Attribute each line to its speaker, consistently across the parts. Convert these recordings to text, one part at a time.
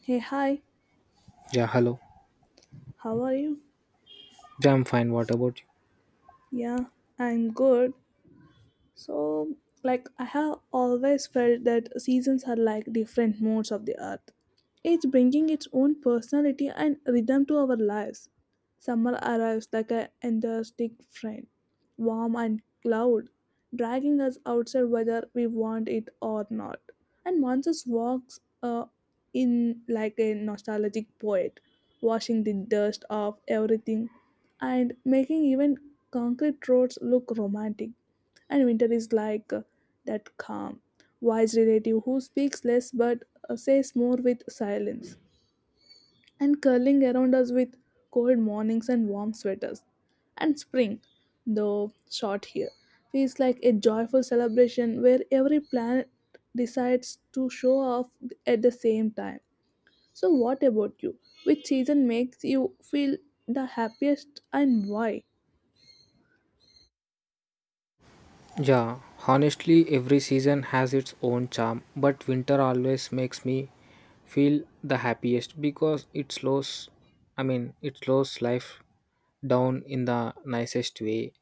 Speaker 1: Hey, hi,
Speaker 2: Yeah, hello.
Speaker 1: how are you?
Speaker 2: Yeah, I'm fine. What about
Speaker 1: Yeah, I'm good. So, I have always felt that seasons are like different modes of the earth, each bringing its own personality and rhythm to our lives. Summer arrives like an enthusiastic friend, warm and loud, dragging us outside whether we want it or not. And monsters walks in like a nostalgic poet, washing the dust off everything and making even concrete roads look romantic, and winter is like that calm, wise relative who speaks less but says more with silence, and curling around us with cold mornings and warm sweaters. And spring, though short here, feels like a joyful celebration where every planet decides to show off at the same time. So, what about you? Which season makes you feel the happiest and why?
Speaker 2: you? Yeah, honestly, every season has its own charm, but winter always makes me feel the happiest because it slows life down in the nicest way.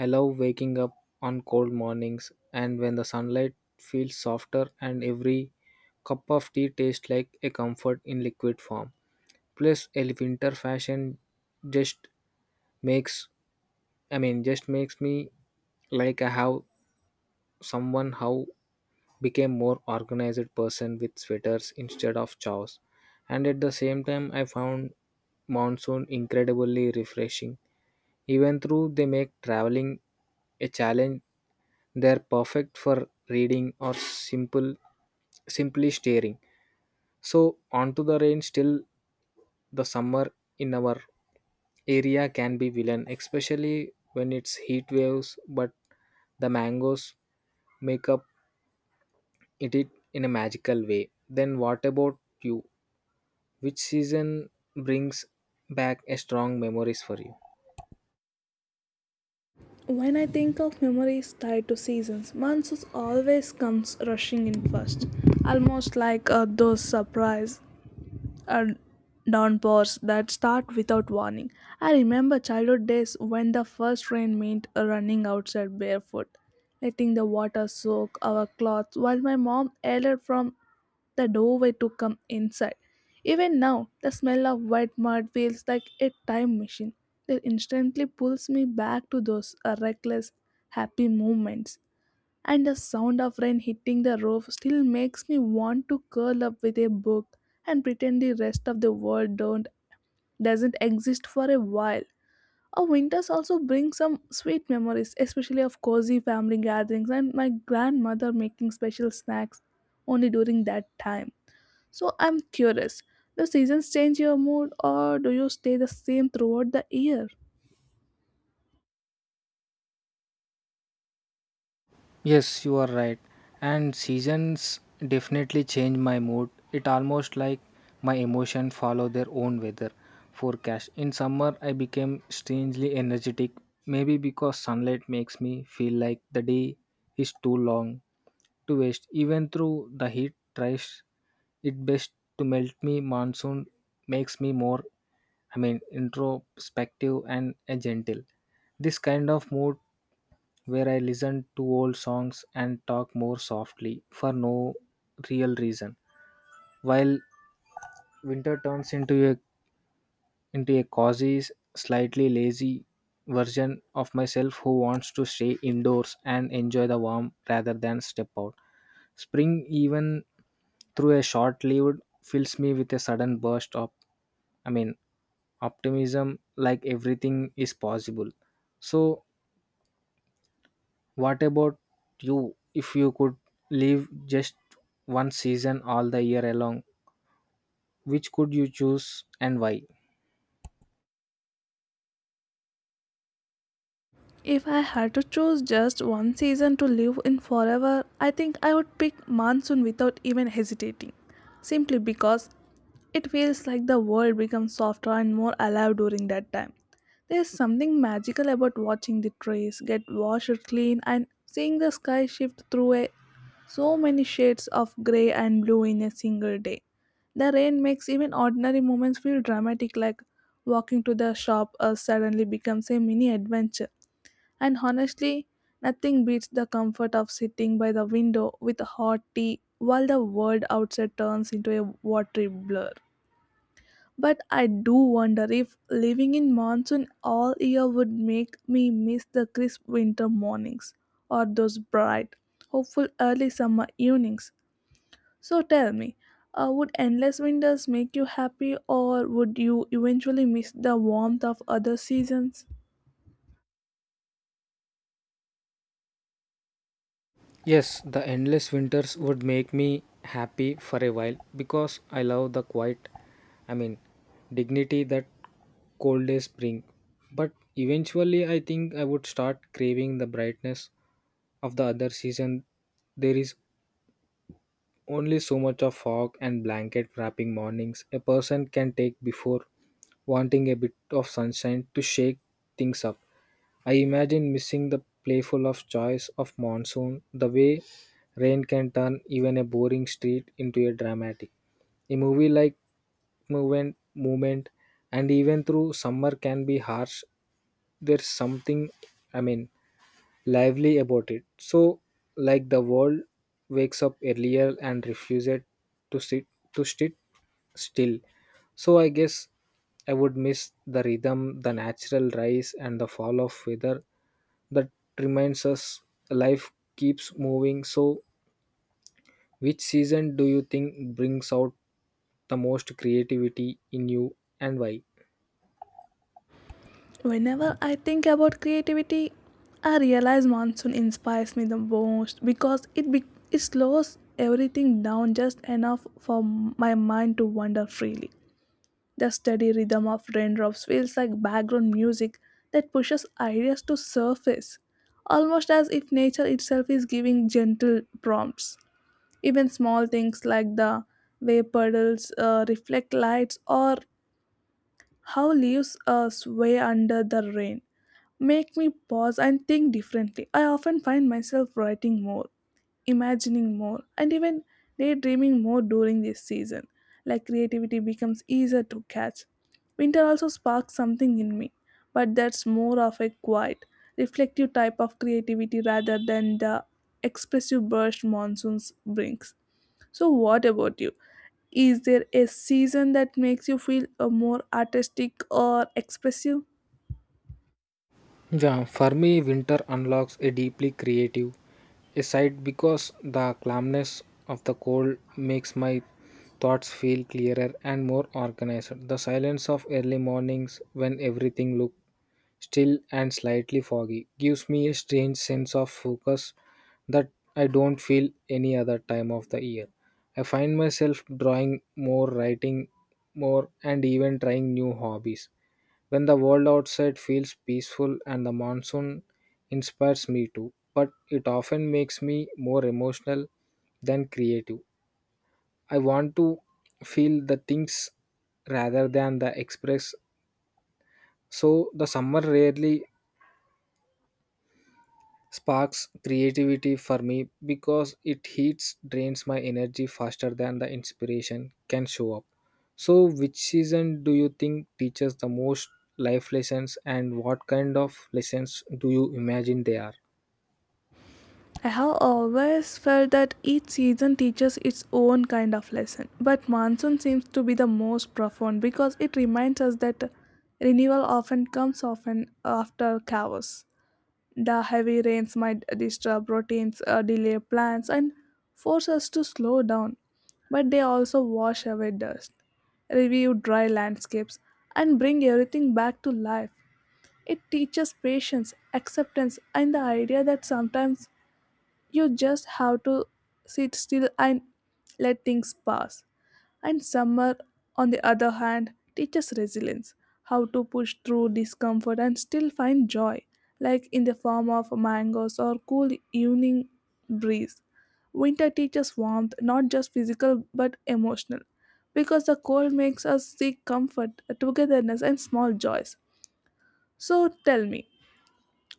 Speaker 2: I love waking up on cold mornings and when the sunlight feels softer and every cup of tea tastes like a comfort in liquid form. Plus, a winter fashion just makes just makes me like I have someone how became more organized person with sweaters instead of chows. And at the same time, I found monsoon incredibly refreshing. Even though they make traveling a challenge, they're perfect for reading or simply staring. So onto the rain still the summer in our area can be villain, especially when it's heat waves, but the mangoes make up it in a magical way. Then what about you? Which season brings back a strong memories for you?
Speaker 1: When I think of memories tied to seasons, monsoons always comes rushing in first, almost like a those surprise and downpours that start without warning. I remember childhood days when the first rain meant running outside barefoot, letting the water soak our clothes while my mom yelled from the doorway to come inside. Even now, the smell of wet mud feels like a time machine that instantly pulls me back to those reckless, happy moments, and the sound of rain hitting the roof still makes me want to curl up with a book and pretend the rest of the world don't doesn't exist for a while. Our winters also bring some sweet memories, especially of cozy family gatherings and my grandmother making special snacks only during that time. So I'm curious, do seasons change your mood or do you stay the same throughout the year?
Speaker 2: Yes, you are right. And seasons definitely change my mood. It almost like my emotion follow their own weather forecast. In summer, I became strangely energetic, maybe because sunlight makes me feel like the day is too long to waste. Even though the heat tries it best to melt me, monsoon makes me introspective and gentle. This kind of mood where I listen to old songs and talk more softly for no real reason. While winter turns into a cozy, slightly lazy version of myself who wants to stay indoors and enjoy the warmth rather than step out. Spring, even through a short lived, fills me with a sudden burst of I mean optimism, like everything is possible. So what about you? If you could live just one season all the year along, which could you choose and why?
Speaker 1: If I had to choose just one season to live in forever, I think I would pick monsoon without even hesitating. Simply because it feels like the world becomes softer and more alive during that time. There's something magical about watching the trees get washed clean and seeing the sky shift through a so many shades of grey and blue in a single day. The rain makes even ordinary moments feel dramatic, like walking to the shop suddenly becomes a mini adventure. And honestly, nothing beats the comfort of sitting by the window with a hot tea while the world outside turns into a watery blur. But I do wonder if living in monsoon all year would make me miss the crisp winter mornings or those bright, hopeful early summer evenings. So tell me, would endless winters make you happy or would you eventually miss the warmth of other seasons?
Speaker 2: Yes, the endless winters would make me happy for a while because I love the I mean, dignity that cold days bring. But eventually, I think I would start craving the brightness of the other season. There is only so much of fog and blanket wrapping mornings a person can take before wanting a bit of sunshine to shake things up. I imagine missing the playful of joys of monsoon, the way rain can turn even a boring street into a dramatic. A movie like movement, and even through summer can be harsh. There's something, I mean, lively about it. So, like the world wakes up earlier and refuses to sit to sit still. So I guess I would miss the rhythm, the natural rise and the fall of weather that reminds us life keeps moving. So, which season do you think brings out the most creativity in you and why?
Speaker 1: Whenever I think about creativity, I realize monsoon inspires me the most because it slows everything down just enough for my mind to wander freely. The steady rhythm of raindrops feels like background music that pushes ideas to surface, almost as if nature itself is giving gentle prompts. Even small things like the way puddles reflect lights or how leaves sway under the rain make me pause and think differently. I often find myself writing more, imagining more, and even daydreaming more during this season, like creativity becomes easier to catch. Winter also sparks something in me, but that's more of a quiet, reflective type of creativity rather than the expressive burst monsoons brings. So, what about you? Is there a season that makes you feel more artistic or expressive?
Speaker 2: Yeah, for me, winter unlocks a deeply creative a side because the calmness of the cold makes my thoughts feel clearer and more organized. The silence of early mornings, when everything looks still and slightly foggy, gives me a strange sense of focus that I don't feel any other time of the year. I find myself drawing more, writing more, and even trying new hobbies. When the world outside feels peaceful and the monsoon inspires me too, but it often makes me more emotional than creative. I want to feel the things rather than the express, so the summer rarely sparks creativity for me because it heats drains my energy faster than the inspiration can show up. So, which season do you think teaches the most life lessons, and what kind of lessons do you imagine they are?
Speaker 1: I have always felt that each season teaches its own kind of lesson, but monsoon seems to be the most profound because it reminds us that renewal often comes often after chaos. The heavy rains might disturb routines, delay plans, and force us to slow down, but they also wash away dust, review dry landscapes, and bring everything back to life. It teaches patience, acceptance, and the idea that sometimes you just have to sit still and let things pass. And summer, on the other hand, teaches resilience, how to push through discomfort and still find joy, like in the form of mangoes or cool evening breeze. Winter teaches warmth, not just physical but emotional, because the cold makes us seek comfort, togetherness, and small joys. So tell me,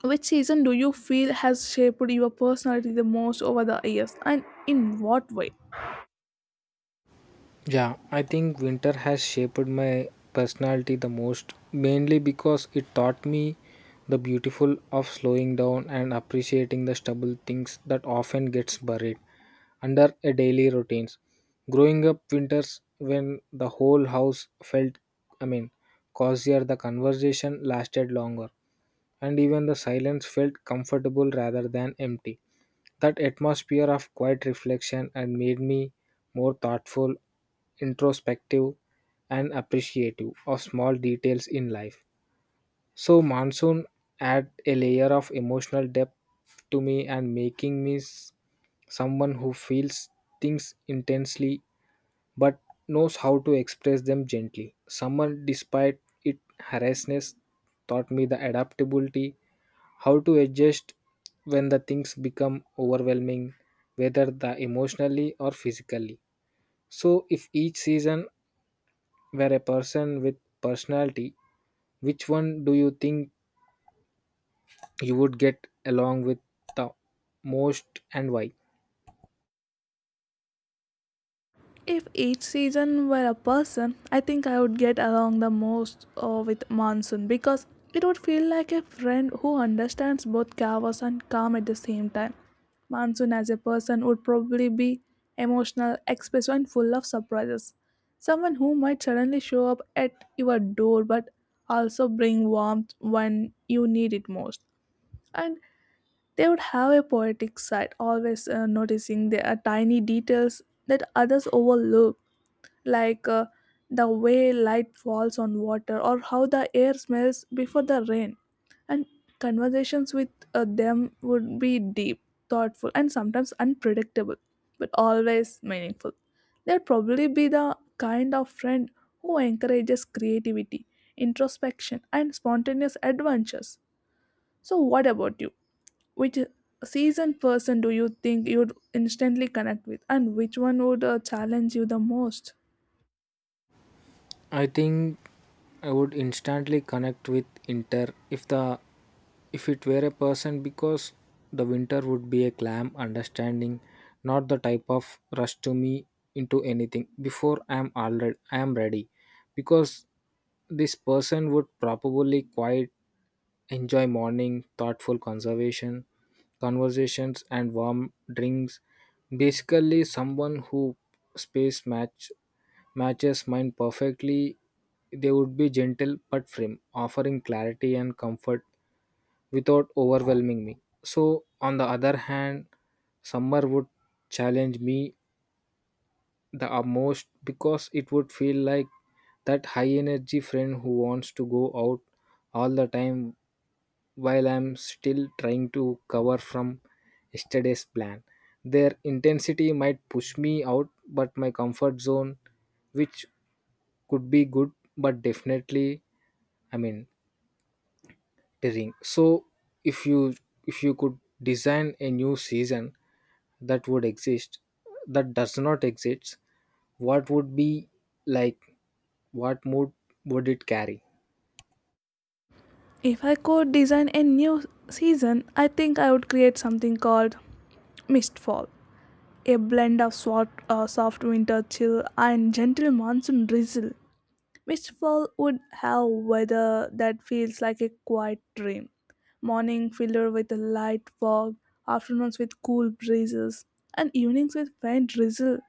Speaker 1: which season do you feel has shaped your personality the most over the years and in what way?
Speaker 2: Yeah, I think winter has shaped my personality the most, mainly because it taught me the beautiful of slowing down and appreciating the stubble things that often gets buried under a daily routines. Growing up winters when the whole house felt I mean cozier, the conversation lasted longer and even the silence felt comfortable rather than empty. That atmosphere of quiet reflection and made me more thoughtful, introspective, and appreciative of small details in life. So monsoon add a layer of emotional depth to me and making me someone who feels things intensely but knows how to express them gently. Summer, despite its harshness, taught me the adaptability, how to adjust when the things become overwhelming, whether the emotionally or physically. So, if each season were a person with personality, which one do you think you would get along with the most and why?
Speaker 1: If each season were a person, I think I would get along the most with monsoon because it would feel like a friend who understands both chaos and calm at the same time. Monsoon as a person would probably be emotional, expressive, and full of surprises. Someone who might suddenly show up at your door but also bring warmth when you need it most. And they would have a poetic side, always noticing the tiny details that others overlook, like the way light falls on water or how the air smells before the rain. And conversations with them would be deep, thoughtful, and sometimes unpredictable, but always meaningful. They'd probably be the kind of friend who encourages creativity, introspection, and spontaneous adventures. So, what about you? Which seasoned person do you think you'd instantly connect with and which one would challenge you the most?
Speaker 2: I think I would instantly connect with Inter if the if it were a person because the winter would be a calm understanding, not the type of rush to me into anything before I am ready, because this person would probably quiet enjoy morning thoughtful conservation conversations and warm drinks, basically someone who space match matches mine perfectly. They would be gentle but firm, offering clarity and comfort without overwhelming me. So on the other hand, summer would challenge me the utmost because it would feel like that high energy friend who wants to go out all the time while I'm still trying to cover from yesterday's plan. Their intensity might push me out, but my comfort zone, which could be good, but definitely, I mean, tiring. So, if you if you could design a new season that would exist, that does not exist, what would be like? What mood would it carry?
Speaker 1: If I could design a new season, I think I would create something called mistfall, a blend of soft winter chill and gentle monsoon drizzle. Mistfall would have weather that feels like a quiet dream, morning filled with a light fog, afternoons with cool breezes, and evenings with faint drizzle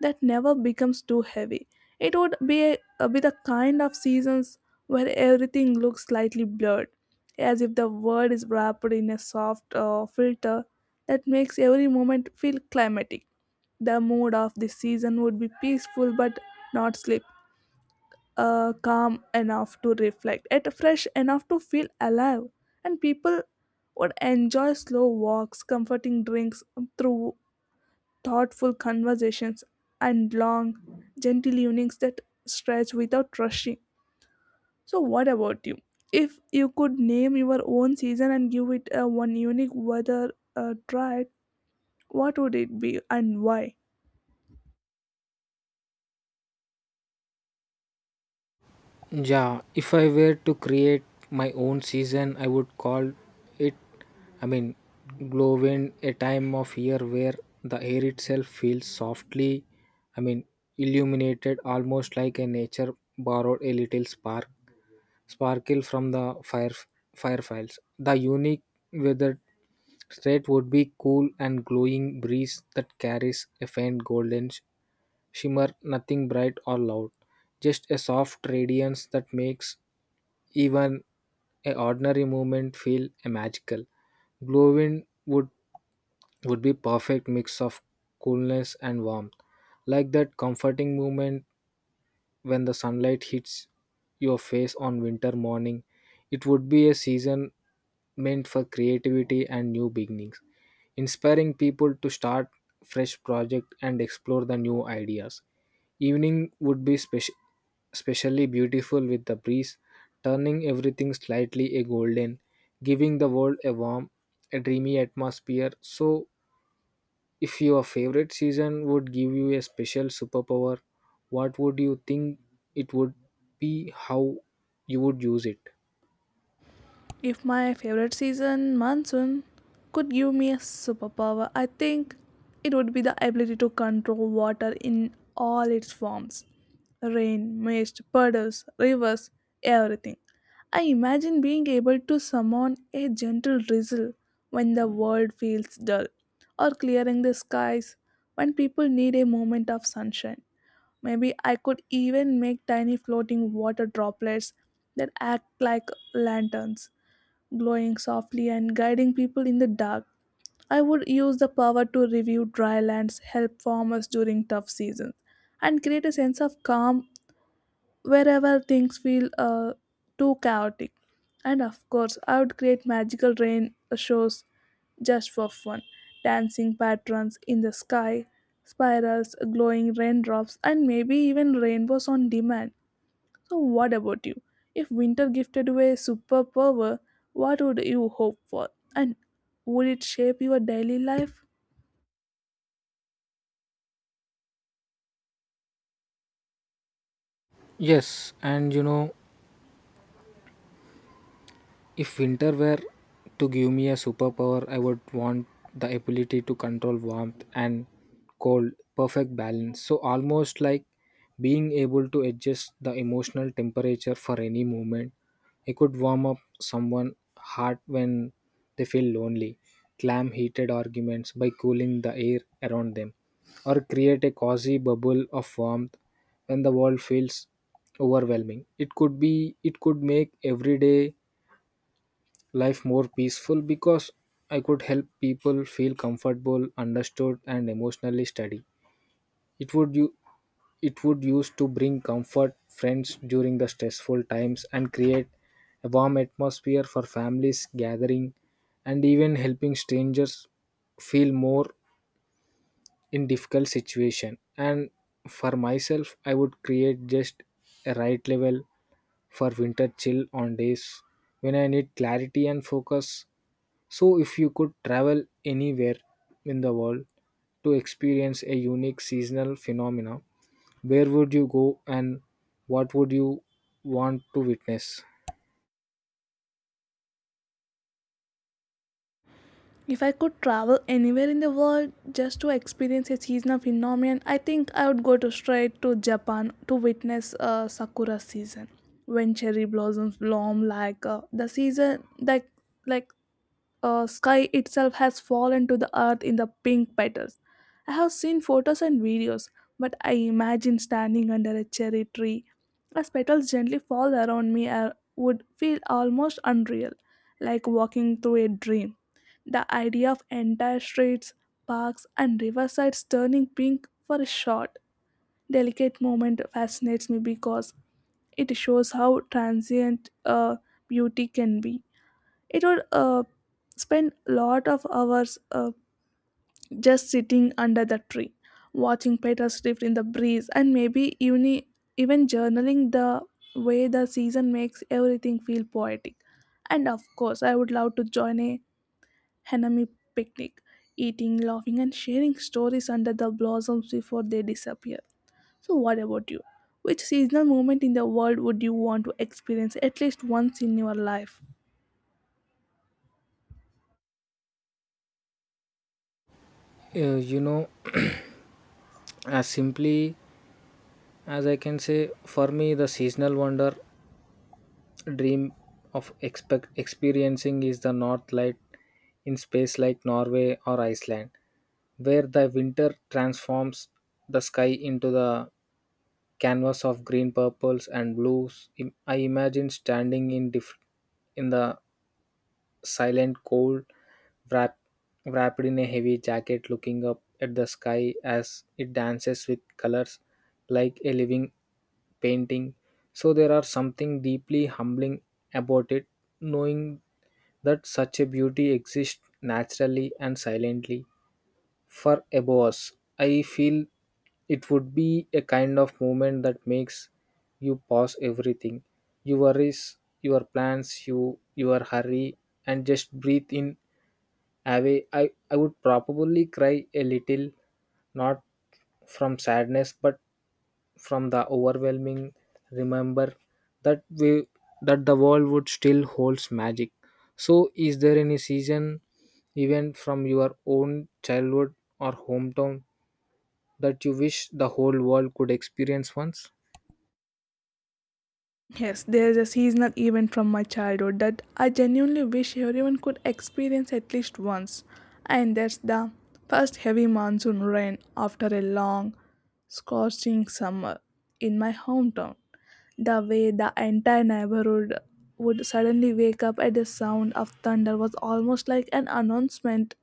Speaker 1: that never becomes too heavy. It would be a be the kind of seasons where everything looks slightly blurred, as if the world is wrapped in a soft filter that makes every moment feel climatic. The mood of this season would be peaceful but not sleep, calm enough to reflect, yet fresh enough to feel alive, and people would enjoy slow walks, comforting drinks through thoughtful conversations, and long, gentle evenings that stretch without rushing. So, what about you? If you could name your own season and give it a one unique weather try, what would it be and why?
Speaker 2: Yeah, if I were to create my own season, I would call it, I mean, Glowwind, a time of year where the air itself feels I mean, illuminated, almost like a nature borrowed a little sparkle from the fire fireflies. The unique weathered state would be cool and glowing breeze that carries a faint golden shimmer, nothing bright or loud, just a soft radiance that makes even a ordinary moment feel a magical. Glowwind would be perfect mix of coolness and warmth, like that comforting moment when the sunlight hits your face on winter morning. It would be a season meant for creativity and new beginnings, inspiring people to start fresh projects and explore the new ideas. Evening would be specially beautiful, with the breeze turning everything slightly a golden, giving the world a warm a dreamy atmosphere. So if your favorite season would give you a special superpower, what would you think it would be? How you would use it?
Speaker 1: If my favorite season, monsoon, could give me a superpower, I think it would be the ability to control water in all its forms, rain, mist, puddles, rivers, everything. I imagine being able to summon a gentle drizzle when the world feels dull, or clearing the skies when people need a moment of sunshine. Maybe I could even make tiny floating water droplets that act like lanterns, glowing softly and guiding people in the dark. I would use the power to review dry lands, help farmers during tough seasons, and create a sense of calm wherever things feel too chaotic. And of course, I would create magical rain shows just for fun, dancing patterns in the sky, spirals, glowing raindrops, and maybe even rainbows on demand. So, what about you? If winter gifted you a superpower, what would you hope for? And would it shape your daily life?
Speaker 2: Yes, and you know, if winter were to give me a superpower, I would want the ability to control warmth and cold, perfect balance. So, almost like being able to adjust the emotional temperature for any moment. I could warm up someone's heart when they feel lonely, calm heated arguments by cooling the air around them, or create a cozy bubble of warmth when the world feels overwhelming. It could make every day life more peaceful because I could help people feel comfortable, understood, and emotionally steady. It would you it would use to bring comfort friends during the stressful times and create a warm atmosphere for families gathering, and even helping strangers feel more in difficult situation. And for myself, I would create just a right level for winter chill on days when I need clarity and focus. So, if you could travel anywhere in the world to experience a unique seasonal phenomena, where would you go and what would you want to witness?
Speaker 1: If I could travel anywhere in the world just to experience a seasonal phenomenon, I think I would go to straight to Japan to witness sakura season when cherry blossoms bloom like the season like sky itself has fallen to the earth in the pink petals. I have seen photos and videos, but I imagine standing under a cherry tree. As petals gently fall around me, I would feel almost unreal, like walking through a dream. The idea of entire streets, parks, and riversides turning pink for a short, delicate moment fascinates me because it shows how transient beauty can be. It would spend a lot of hours just sitting under the tree, watching petals drift in the breeze, and even journaling the way the season makes everything feel poetic. And of course, I would love to join a Hanami picnic, eating, laughing, and sharing stories under the blossoms before they disappear. So, what about you? Which seasonal moment in the world would you want to experience at least once in your life?
Speaker 2: Uh, you know, as simply as I can say, for me, the seasonal wonder dream of expect experiencing is the north light in space like Norway or Iceland, where the winter transforms the sky into the canvas of green purples and blues. I imagine standing in the silent, cold, wrap, wrapped in a heavy jacket, looking up at the sky as it dances with colors like a living painting. So there are something deeply humbling about it, knowing that such a beauty exists naturally and silently for a boss. I feel it would be a kind of moment that makes you pause everything, your worries, your plans, your hurry, and just breathe in away. I would probably cry a little, not from sadness, but from the overwhelming remember that we that the world would still holds magic. So is there any season event from your own childhood or hometown that you wish the whole world could experience once?
Speaker 1: Yes, there's a seasonal event from my childhood that I genuinely wish everyone could experience at least once, and that's the first heavy monsoon rain after a long, scorching summer in my hometown. The way the entire neighborhood would suddenly wake up at the sound of thunder was almost like an announcement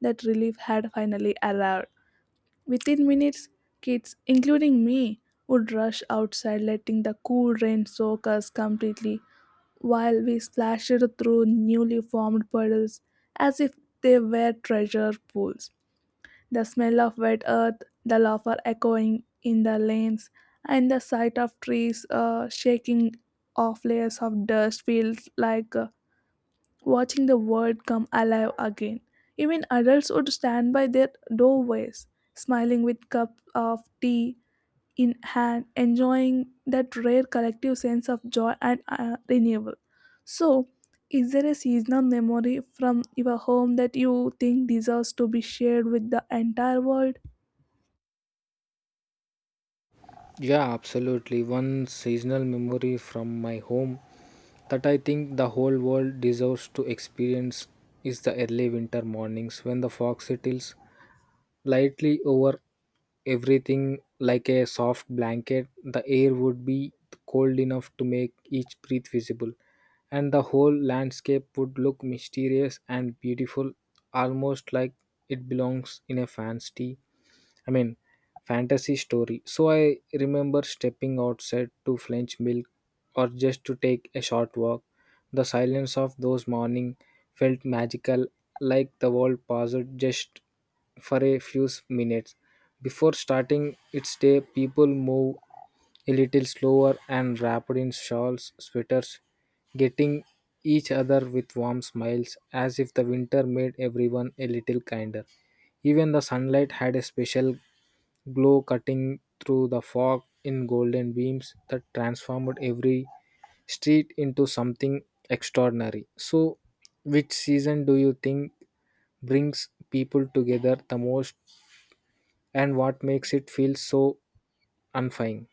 Speaker 1: that relief had finally arrived. Within minutes, kids, including me, would rush outside, letting the cool rain soak us completely while we splashed through newly formed puddles as if they were treasure pools. The smell of wet earth, the laughter echoing in the lanes, and the sight of trees shaking off layers of dust feels like watching the world come alive again. Even adults would stand by their doorways, smiling with cup of tea in hand, enjoying that rare collective sense of joy and renewal. So, is there a seasonal memory from your home that you think deserves to be shared with the entire world?
Speaker 2: Yeah, absolutely. One seasonal memory from my home that I think the whole world deserves to experience is the early winter mornings when the fog settles lightly over everything like a soft blanket. The air would be cold enough to make each breath visible, and the whole landscape would look mysterious and beautiful, almost like it belongs in a I mean, fantasy story. So I remember stepping outside to fetch milk or just to take a short walk. The silence of those mornings felt magical, like the world paused just for a few minutes. Before starting its day, people move a little slower and wrapped in shawls, sweaters, getting each other with warm smiles, as if the winter made everyone a little kinder. Even the sunlight had a special glow, cutting through the fog in golden beams that transformed every street into something extraordinary. So, which season do you think brings people together the most, and what makes it feel so unifying?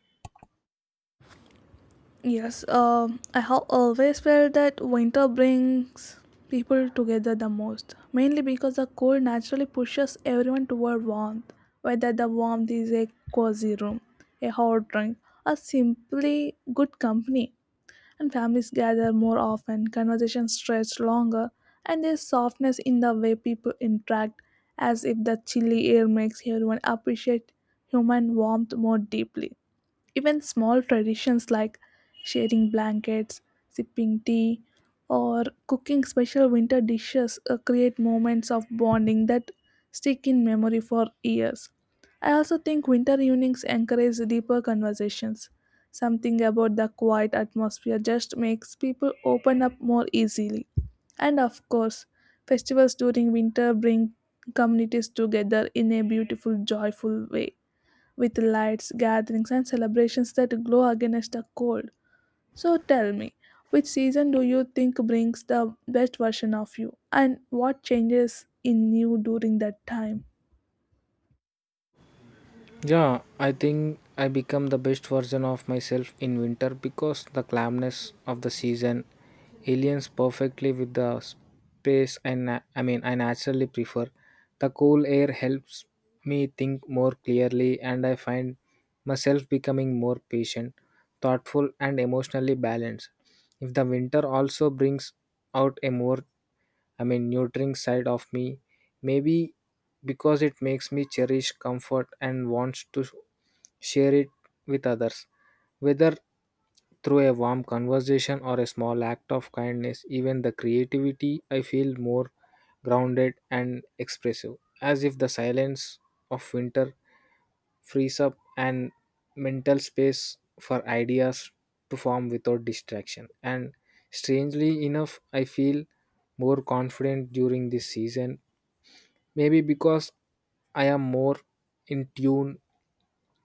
Speaker 1: Yes, I have always felt that winter brings people together the most, mainly because the cold naturally pushes everyone toward warmth, whether the warmth is a cozy room, a hot drink, or simply good company. And families gather more often, conversations stretch longer, and there's softness in the way people interact, as if the chilly air makes everyone appreciate human warmth more deeply. Even small traditions like sharing blankets, sipping tea, or cooking special winter dishes create moments of bonding that stick in memory for years. I also think winter evenings encourage deeper conversations. Something about the quiet atmosphere just makes people open up more easily. And of course, festivals during winter bring communities together in a beautiful, joyful way with lights, gatherings, and celebrations that glow against the cold. So tell me, which season do you think brings the best version of you, and what changes in you during that time?
Speaker 2: Yeah, I think I become the best version of myself in winter because the calmness of the season aligns perfectly with the space and na- I mean I naturally prefer. The cool air helps me think more clearly and I find myself becoming more patient, thoughtful and emotionally balanced. If the winter also brings out a more nurturing side of me. Maybe because it makes me cherish comfort and wants to share it with others. Whether through a warm conversation or a small act of kindness, even the creativity, I feel more grounded and expressive, as if the silence of winter frees up and mental space for ideas to form without distraction. And strangely enough, I feel more confident during this season, maybe because I am more in tune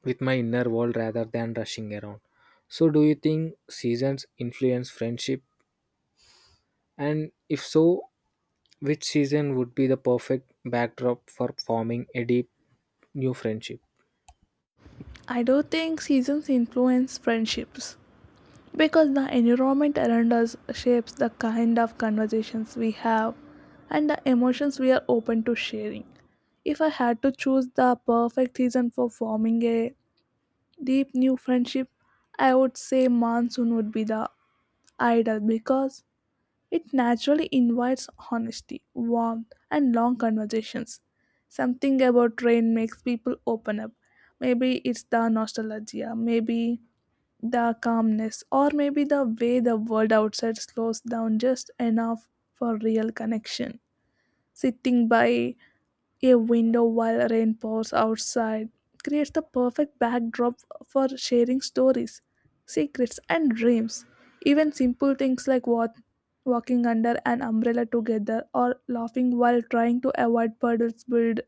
Speaker 2: with my inner world rather than rushing around. So do you think seasons influence friendship, and if so, which season would be the perfect backdrop for forming a deep new friendship?
Speaker 1: I do think seasons influence friendships because the environment around us shapes the kind of conversations we have and the emotions we are open to sharing. If I had to choose the perfect season for forming a deep new friendship, I would say monsoon would be the idle because it naturally invites honesty, warmth, and long conversations. Something about rain makes people open up. Maybe it's the nostalgia, maybe the calmness, or maybe the way the world outside slows down just enough for real connection. Sitting by a window while rain pours outside creates the perfect backdrop for sharing stories, secrets, and dreams. Even simple things like walking under an umbrella together or laughing while trying to avoid puddles build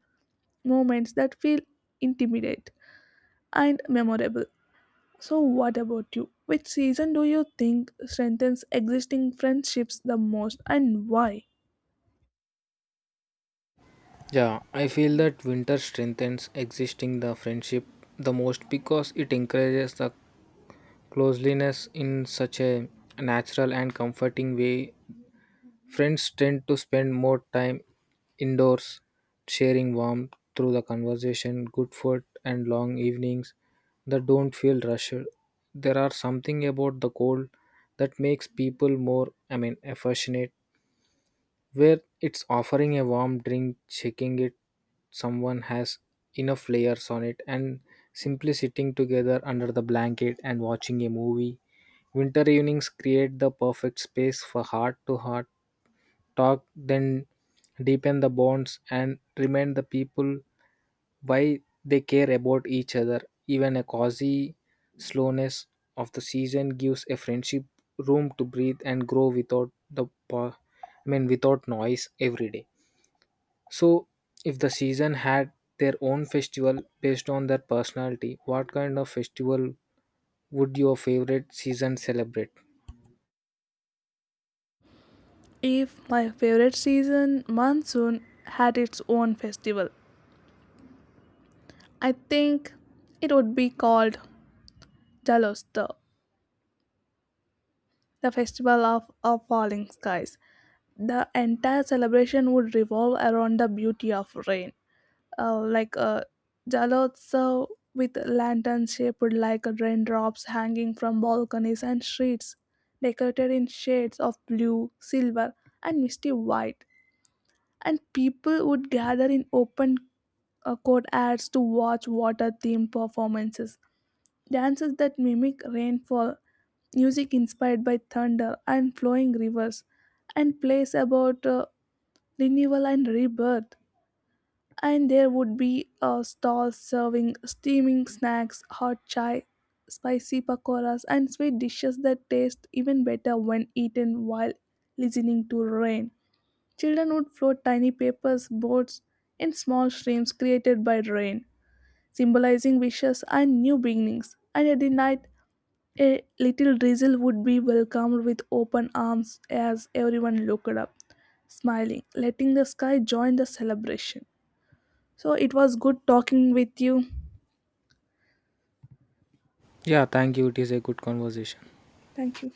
Speaker 1: moments that feel intimate and memorable. So, what about you? Which season do you think strengthens existing friendships the most and why?
Speaker 2: Yeah, I feel that winter strengthens existing the friendship the most because it encourages the closeliness in such a natural and comforting way. Friends tend to spend more time indoors, sharing warmth through the conversation, good food, and long evenings that don't feel rushed. There are something about the cold that makes people more affectionate, where it's offering a warm drink, checking it someone has enough layers on it, and simply sitting together under the blanket and watching a movie. Winter evenings create the perfect space for heart to heart talk, then deepen the bonds and remind the people why they care about each other. Even a cozy slowness of the season gives a friendship room to breathe and grow without the without noise every day. So if the season had their own festival based on their personality, what kind of festival would your favorite season celebrate?
Speaker 1: If my favorite season, monsoon, had its own festival, I think it would be called Jaloster, the festival of falling skies. The entire celebration would revolve around the beauty of rain, like a Jaloster, with lanterns shaped like raindrops hanging from balconies and streets, decorated in shades of blue, silver, and misty white. And people would gather in open court to watch water themed performances, dances that mimic rainfall, music inspired by thunder and flowing rivers, and plays about renewal and rebirth. And there would be stalls serving steaming snacks, hot chai, spicy pakoras, and sweet dishes that taste even better when eaten while listening to rain. Children would float tiny papers boats in small streams created by rain, symbolizing wishes and new beginnings. And at the night, a little drizzle would be welcomed with open arms as everyone looked up, smiling, letting the sky join the celebration. So it was good talking with you.
Speaker 2: Yeah, thank you. It is a good conversation.
Speaker 1: Thank you.